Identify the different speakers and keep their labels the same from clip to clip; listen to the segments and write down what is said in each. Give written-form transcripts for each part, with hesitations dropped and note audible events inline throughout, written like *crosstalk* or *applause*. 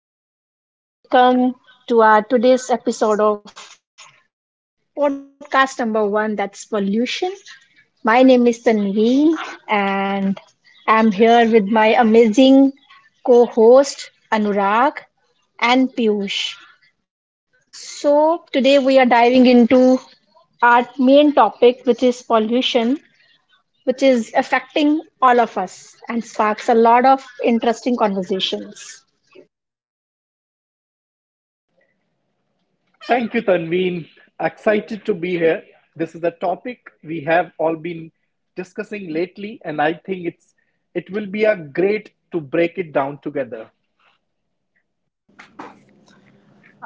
Speaker 1: Hello, everyone. Welcome to our today's episode of podcast number one that's pollution. My name is Tanvi, and I'm here with my amazing co host Anurag and Piyush. So, today we are diving into our main topic, which is pollution, which is affecting all of us and sparks a lot of interesting conversations.
Speaker 2: Thank you, Tanveen. Excited to be here. This is a topic we have all been discussing lately, and I think it will be a great to break it down together.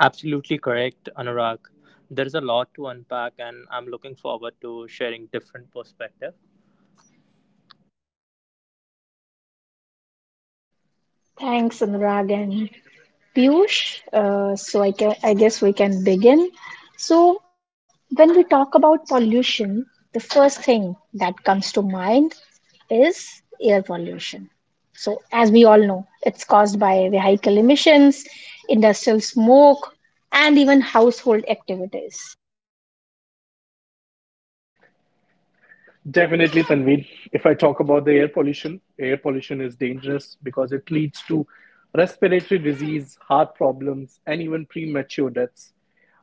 Speaker 3: Absolutely correct, Anurag. There's a lot to unpack, and I'm looking forward to sharing different perspective.
Speaker 1: Thanks, Anurag and Piyush. I guess we can begin. So, when we talk about pollution, the first thing that comes to mind is air pollution. So, as we all know, it's caused by vehicle emissions, industrial smoke, and even household activities.
Speaker 2: Definitely, Tanveer. If I talk about the air pollution is dangerous because it leads to respiratory disease, heart problems, and even premature deaths.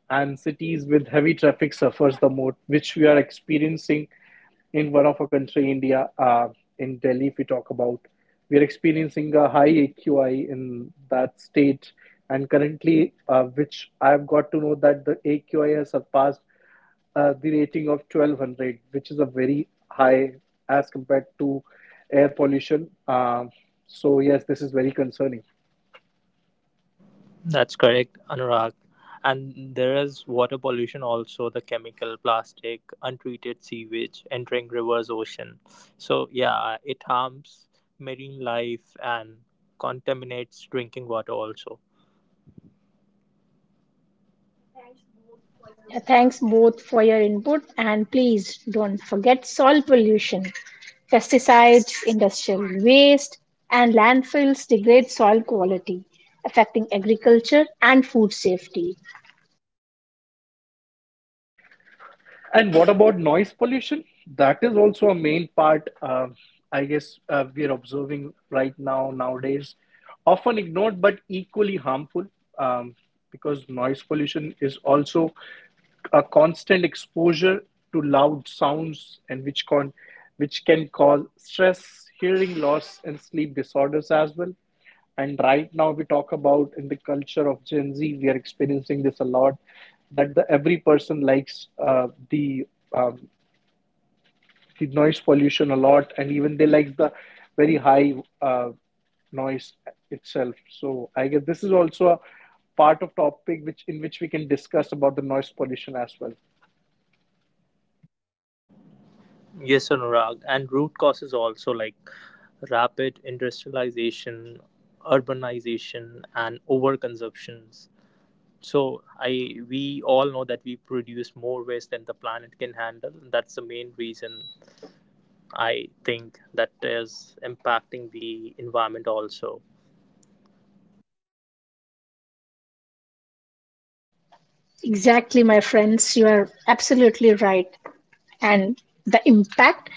Speaker 2: And cities with heavy traffic suffers the most, which we are experiencing in one of our country, India, in Delhi. If we talk about, we are experiencing a high AQI in that state, and currently, which I have got to know that the AQI has surpassed the rating of 1200, which is a very high as compared to air pollution. So yes, this is very concerning.
Speaker 3: That's correct, Anurag. And there is water pollution also, the chemical, plastic, untreated sewage entering rivers, ocean. So yeah, it harms marine life and contaminates drinking water also.
Speaker 1: Thanks both for your input and please don't forget soil pollution. Pesticides, industrial waste, and landfills degrade soil quality, affecting agriculture and food safety.
Speaker 2: And what about noise pollution? That is also a main part, I guess, we are observing right now, nowadays, often ignored but equally harmful, um, because noise pollution is also a constant exposure to loud sounds, and which can cause stress, hearing loss, and sleep disorders as well. And right now, we talk about in the culture of Gen Z, we are experiencing this a lot, that the every person likes, uh, the um, the noise pollution a lot, and even they like the very high uh, noise itself. So I guess this is also a part of topic which in which we can discuss about the noise pollution as well.
Speaker 3: Yes, Anurag. And root causes also like rapid industrialization, urbanization, and overconsumptions. So I we all know that we produce more waste than the planet can handle. That's the main reason I think that is impacting the environment also.
Speaker 1: Exactly, my friends, you are absolutely right. And the impact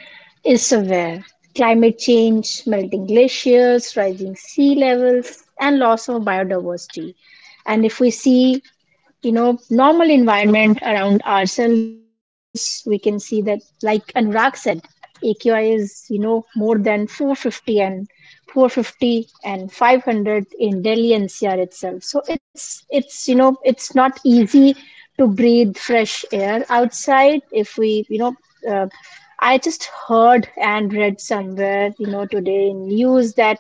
Speaker 1: is severe. Climate change, melting glaciers, rising sea levels, and loss of biodiversity. And if we see, you know, normal environment around ourselves, we can see that, like Anurag said, AQI is, you know, more than 450 and 450 and 500 in Delhi NCR itself. So you know, it's not easy to breathe fresh air outside if we, you know, uh, I just heard and read somewhere, you know, today in news that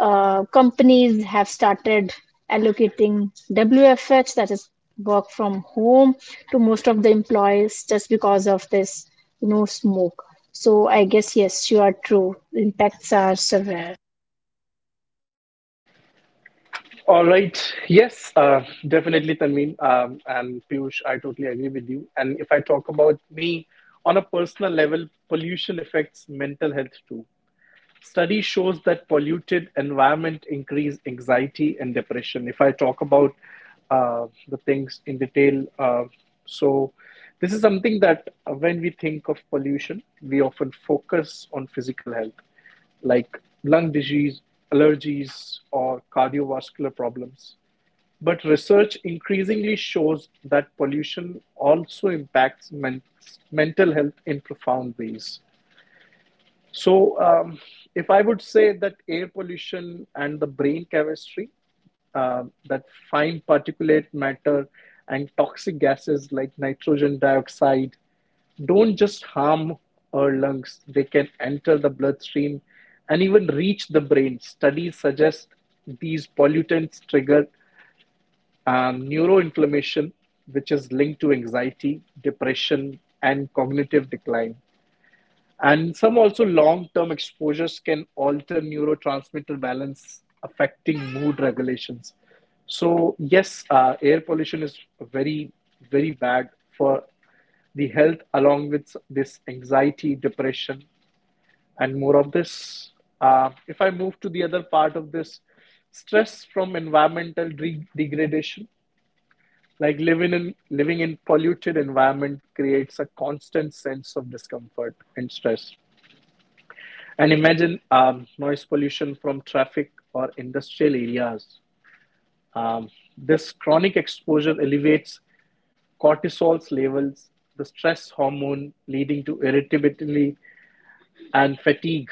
Speaker 1: companies have started allocating WFH, that is work from home, to most of the employees just because of this, you know, smoke. So I guess yes, you are true. Impacts are severe.
Speaker 2: All right. Yes, definitely, Tanveen, and Piyush. I totally agree with you. And if I talk about me on a personal level, pollution affects mental health too. Study shows that polluted environment increase anxiety and depression. If I talk about the things in detail, so this is something that, when we think of pollution, we often focus on physical health like lung disease, allergies, or cardiovascular problems, but research increasingly shows that pollution also impacts mental health in profound ways. So, if I would say that air pollution and the brain chemistry, that fine particulate matter and toxic gases like nitrogen dioxide don't just harm our lungs, they can enter the bloodstream and even reach the brain. Studies suggest these pollutants trigger neuroinflammation, which is linked to anxiety, depression, and cognitive decline. And some also long term exposures can alter neurotransmitter balance, affecting mood regulations. So, yes, air pollution is very, very bad for the health, along with this anxiety, depression, and more of this. If I move to the other part of this, stress from environmental degradation, like living in polluted environment creates a constant sense of discomfort and stress. And imagine noise pollution from traffic or industrial areas. Um, this chronic exposure elevates cortisol's levels, the stress hormone, leading to irritability and fatigue.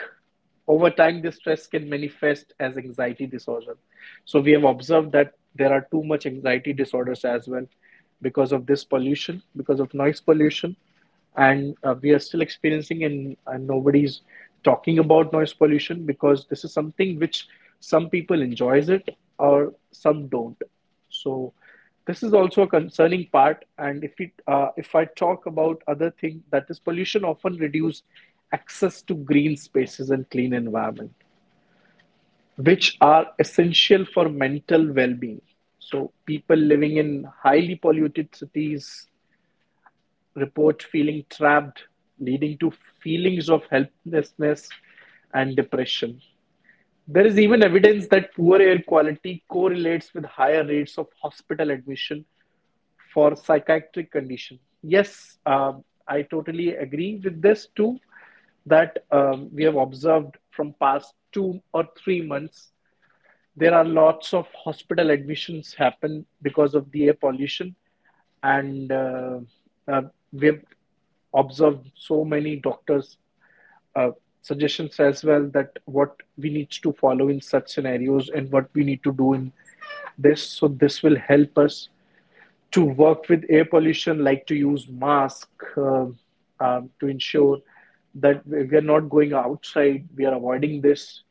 Speaker 2: Over time, this stress can manifest as anxiety disorder. So, we have observed that there are too much anxiety disorders as well because of this pollution, because of noise pollution, and we are still experiencing, and nobody's talking about noise pollution, because this is something which some people enjoys it or some don't. So this is also a concerning part. And if it, if I talk about other thing, that is, pollution often reduce access to green spaces and clean environment, which are essential for mental well-being. So people living in highly polluted cities report feeling trapped, leading to feelings of helplessness and depression. There is even evidence that poor air quality correlates with higher rates of hospital admission for psychiatric condition. Yes, I totally agree with this too. That, we have observed from past 2 or 3 months, there are lots of hospital admissions happen because of the air pollution, and uh, we have observed so many doctors uh, suggestions as well, that what we need to follow in such scenarios and what we need to do in this, so this will help us to work with air pollution, like to use mask, um, to ensure that we are not going outside. We are avoiding this.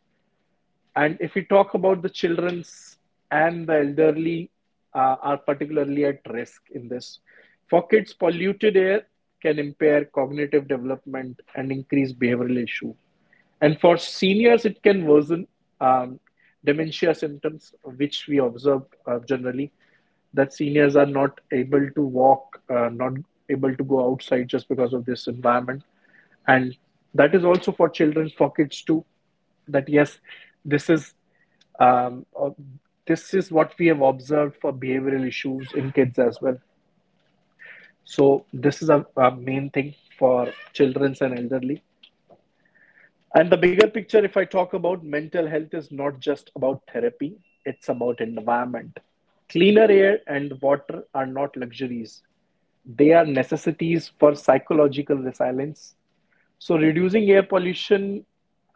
Speaker 2: And if we talk about the children's and the elderly, are particularly at risk in this. For kids, polluted air can impair cognitive development and increase behavioral issue. And for seniors, it can worsen um, dementia symptoms, which we observe generally that seniors are not able to walk, not able to go outside just because of this environment. And that is also for children, for kids too, that yes, this is um, uh, this is what we have observed for behavioral issues in kids as well. So this is a main thing for childrens and elderly. And the bigger picture, if I talk about mental health, is not just about therapy; it's about environment. Cleaner air and water are not luxuries; they are necessities for psychological resilience. So reducing air pollution,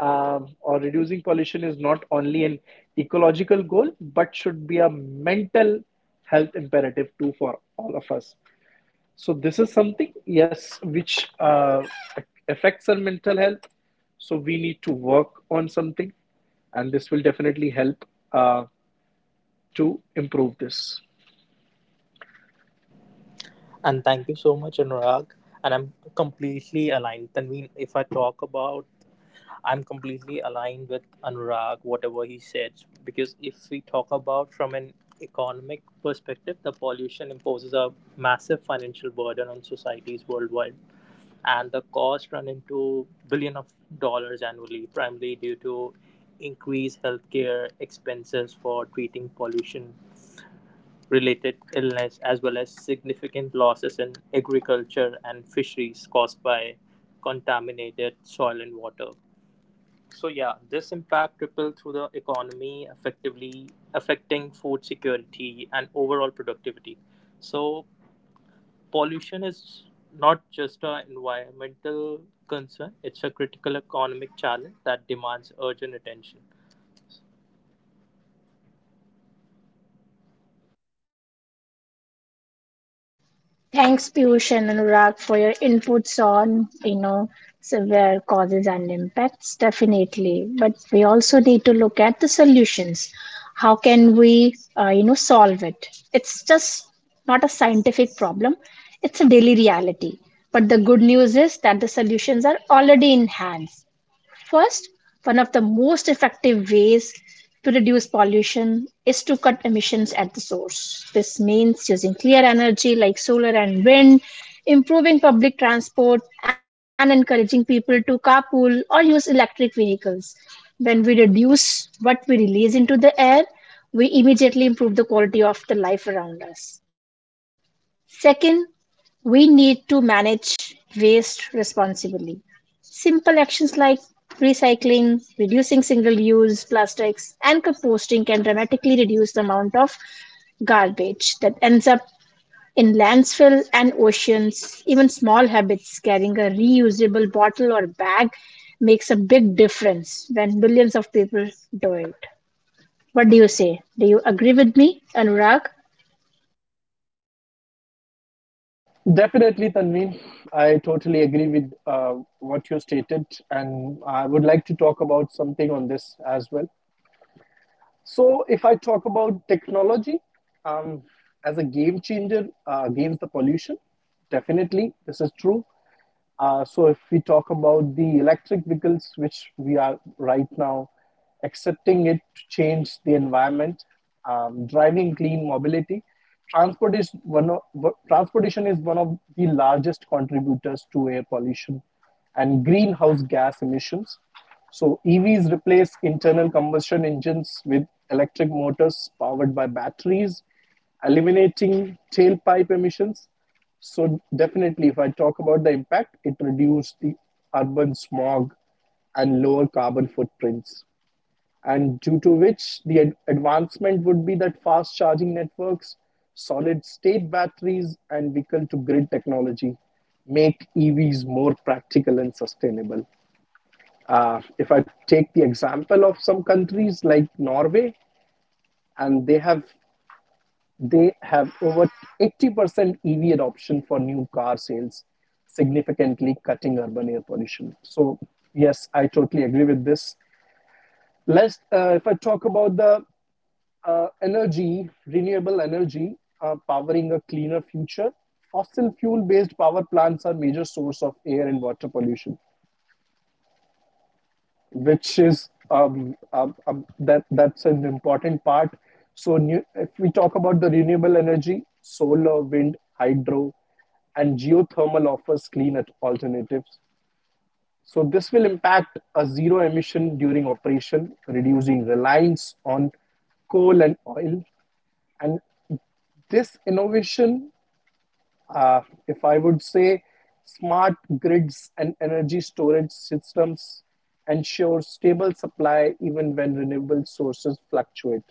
Speaker 2: or reducing pollution, is not only an ecological goal, but should be a mental health imperative too for all of us. So this is something, yes, which affects our mental health. So we need to work on something, and this will definitely help uh, to improve this.
Speaker 3: And thank you so much, Anurag. And I'm completely aligned. Tanveen, if I talk about I'm completely aligned with Anurag, whatever he said, because if we talk about from an economic perspective, the pollution imposes a massive financial burden on societies worldwide, and the costs run into billion of dollars annually, primarily due to increased healthcare expenses for treating pollution related illness as well as significant losses in agriculture and fisheries caused by contaminated soil and water. So yeah, this impact rippled through the economy, effectively affecting food security and overall productivity. So pollution is not just an environmental concern; it's a critical economic challenge that demands urgent attention.
Speaker 1: Thanks, Piyush and Anurag, for your inputs on, you know, severe causes and impacts, definitely. But we also need to look at the solutions. How can we, you know, solve it? It's just not a scientific problem, it's a daily reality. But the good news is that the solutions are already in hand. First, one of the most effective ways to reduce pollution is to cut emissions at the source. This means using clear energy like solar and wind, improving public transport, and encouraging people to carpool or use electric vehicles. When we reduce what we release into the air, we immediately improve the quality of the life around us. Second, we need to manage waste responsibly. Simple actions like recycling, reducing single use plastics, and composting can dramatically reduce the amount of garbage that ends up in landfill and oceans. Even small habits carrying a reusable bottle or bag makes a big difference when millions of people do it. What do you say? Do you agree with me, Anurag?
Speaker 2: Definitely, Tanveen. I totally agree with what you stated, and I would like to talk about something on this as well. So, if I talk about technology um, as a game changer against the pollution, definitely this is true. So, if we talk about the electric vehicles, which we are right now accepting it to change the environment, driving clean mobility, transport is one of, transportation is one of the largest contributors to air pollution and greenhouse gas emissions. So EVs replace internal combustion engines with electric motors powered by batteries, eliminating tailpipe emissions. So definitely, if I talk about the impact, it reduced the urban smog and lower carbon footprints. And due to which the advancement would be that fast charging networks, solid state batteries, and vehicle to grid technology make EVs more practical and sustainable. If I take the example of some countries like Norway, and they have over 80% EV adoption for new car sales, significantly cutting urban air pollution. So yes, I totally agree with this. Let's If I talk about the renewable energy, powering a cleaner future. Fossil fuel based power plants are major source of air and water pollution, which is that's an important part. So new, if we talk about the renewable energy, solar, wind, hydro, and geothermal offers clean alternatives. So this will impact a zero emission during operation, reducing reliance on coal and oil. And this innovation, uh, if I would say, smart grids and energy storage systems ensure stable supply even when renewable sources fluctuate.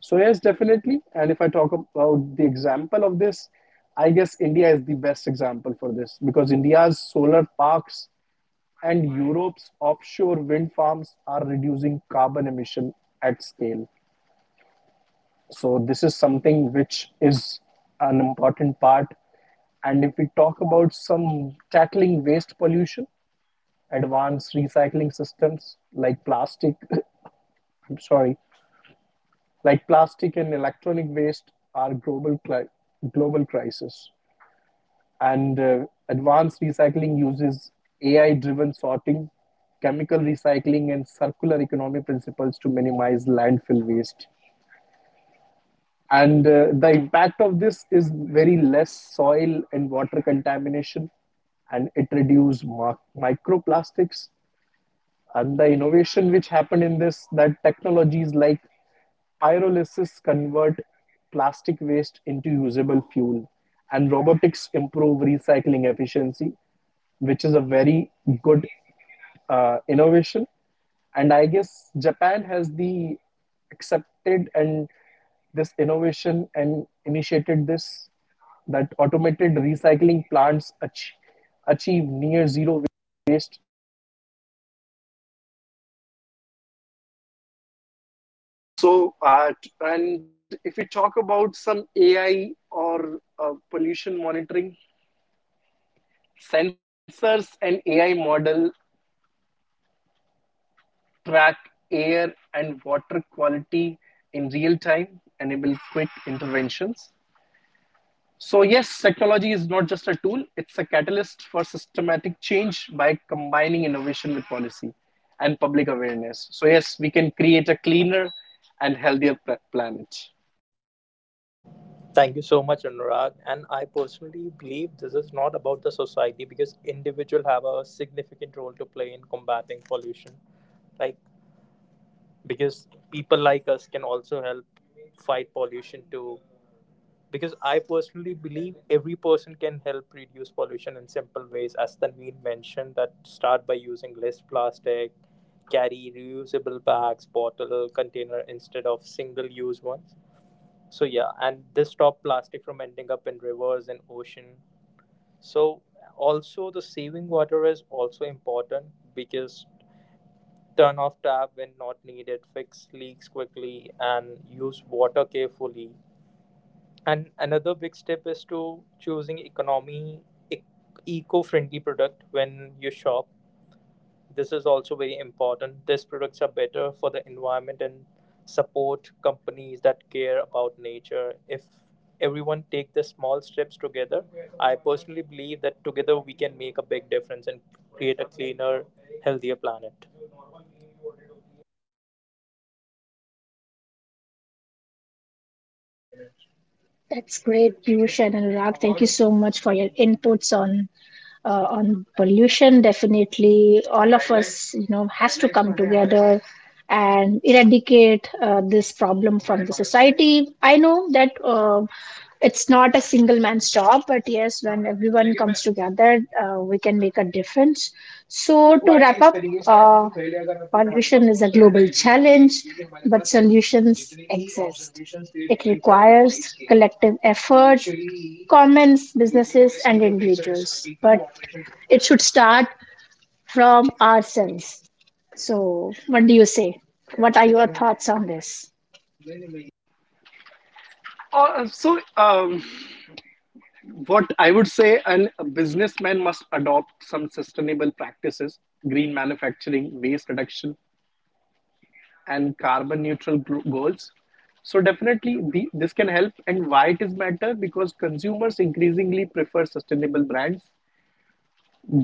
Speaker 2: So, yes, definitely. And if I talk about the example of this, I guess India is the best example for this, because India's solar parks and Europe's offshore wind farms are reducing carbon emission at scale. So this is something which is an important part. And if we talk about some tackling waste pollution, advanced recycling systems like plastic, *laughs* I'm sorry, like plastic and electronic waste are global crisis. And advanced recycling uses AI-driven sorting, chemical recycling, and circular economy principles to minimize landfill waste. And the impact of this is very less soil and water contamination, and it reduces microplastics. And the innovation which happened in this, that technologies like pyrolysis convert plastic waste into usable fuel, and robotics improve recycling efficiency, which is a very good innovation. And I guess Japan has the accepted and this innovation and initiated this, that automated recycling plants achieve near zero waste. So, and if we talk about some AI or pollution monitoring, sensors and AI model track air and water quality in real time, enable quick interventions. So, yes, technology is not just a tool, it's a catalyst for systematic change. By combining innovation with policy and public awareness, so yes, we can create a cleaner and healthier planet.
Speaker 3: Thank you so much, Anurag. And I personally believe this is not about the society because individuals have a significant role to play in combating pollution. Like because people like us can also help fight pollution too because I personally believe every person can help reduce pollution in simple ways, as Tanveen mentioned, that start by using less plastic, carry reusable bags, bottle, container instead of single use ones. So, yeah, and this stop plastic from ending up in rivers and ocean. So, also, the saving water is also important because turn off tap when not needed, fix leaks quickly, and use water carefully and another big step is to choosing ec- eco-friendly product when you shop. This is also very important. These products are better for the environment and support companies that care about nature. If everyone take the small steps together, I personally believe that together we can make a big difference and create a cleaner, healthier planet.
Speaker 1: That's great, Piyush and Anurag. Thank you so much for your inputs on pollution. Definitely, all of us, you know, has to come together and eradicate this problem from the society. I know that it's not a single man's job, but yes, when everyone comes together, we can make a difference. So, to wrap up, uh, pollution is a global challenge, but solutions exist. It requires collective effort, governments, businesses, and individuals, but it should start from ourselves. So, what do you say? What are your thoughts on this?
Speaker 2: Uh, so, um, what I would say, a businessman must adopt some sustainable practices, green manufacturing, waste reduction, and carbon neutral goals. So, definitely, this can help. And why it is matter? Because consumers increasingly prefer sustainable brands.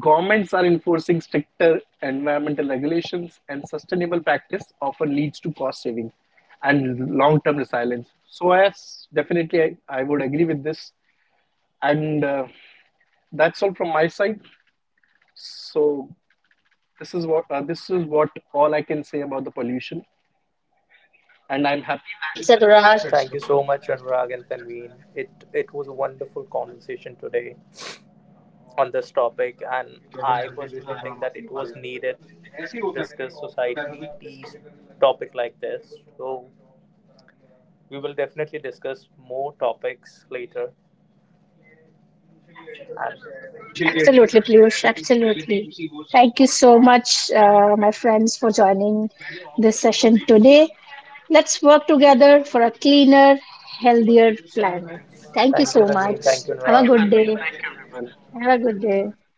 Speaker 2: Governments are enforcing stricter environmental regulations, and sustainable practice often leads to cost saving and long-term resilience. So yes, definitely I would agree with this. And that's all from my side. So this is what all I can say about the pollution, and I'm happy
Speaker 3: Thank you so much, Anurag and Tanveen. It was a wonderful conversation today on this topic, and I personally think that it was needed to discuss society's topic like this. So we will definitely discuss more topics later. And
Speaker 1: Absolutely, Piyush. Absolutely. Thank you so much, my friends, for joining this session today. Let's work together for a cleaner, healthier planet. Thank you
Speaker 3: thank you,
Speaker 1: so
Speaker 3: Tanvi.
Speaker 1: much.
Speaker 3: Thank you,
Speaker 1: Have a
Speaker 3: Niraj.
Speaker 1: good day. Have a good day.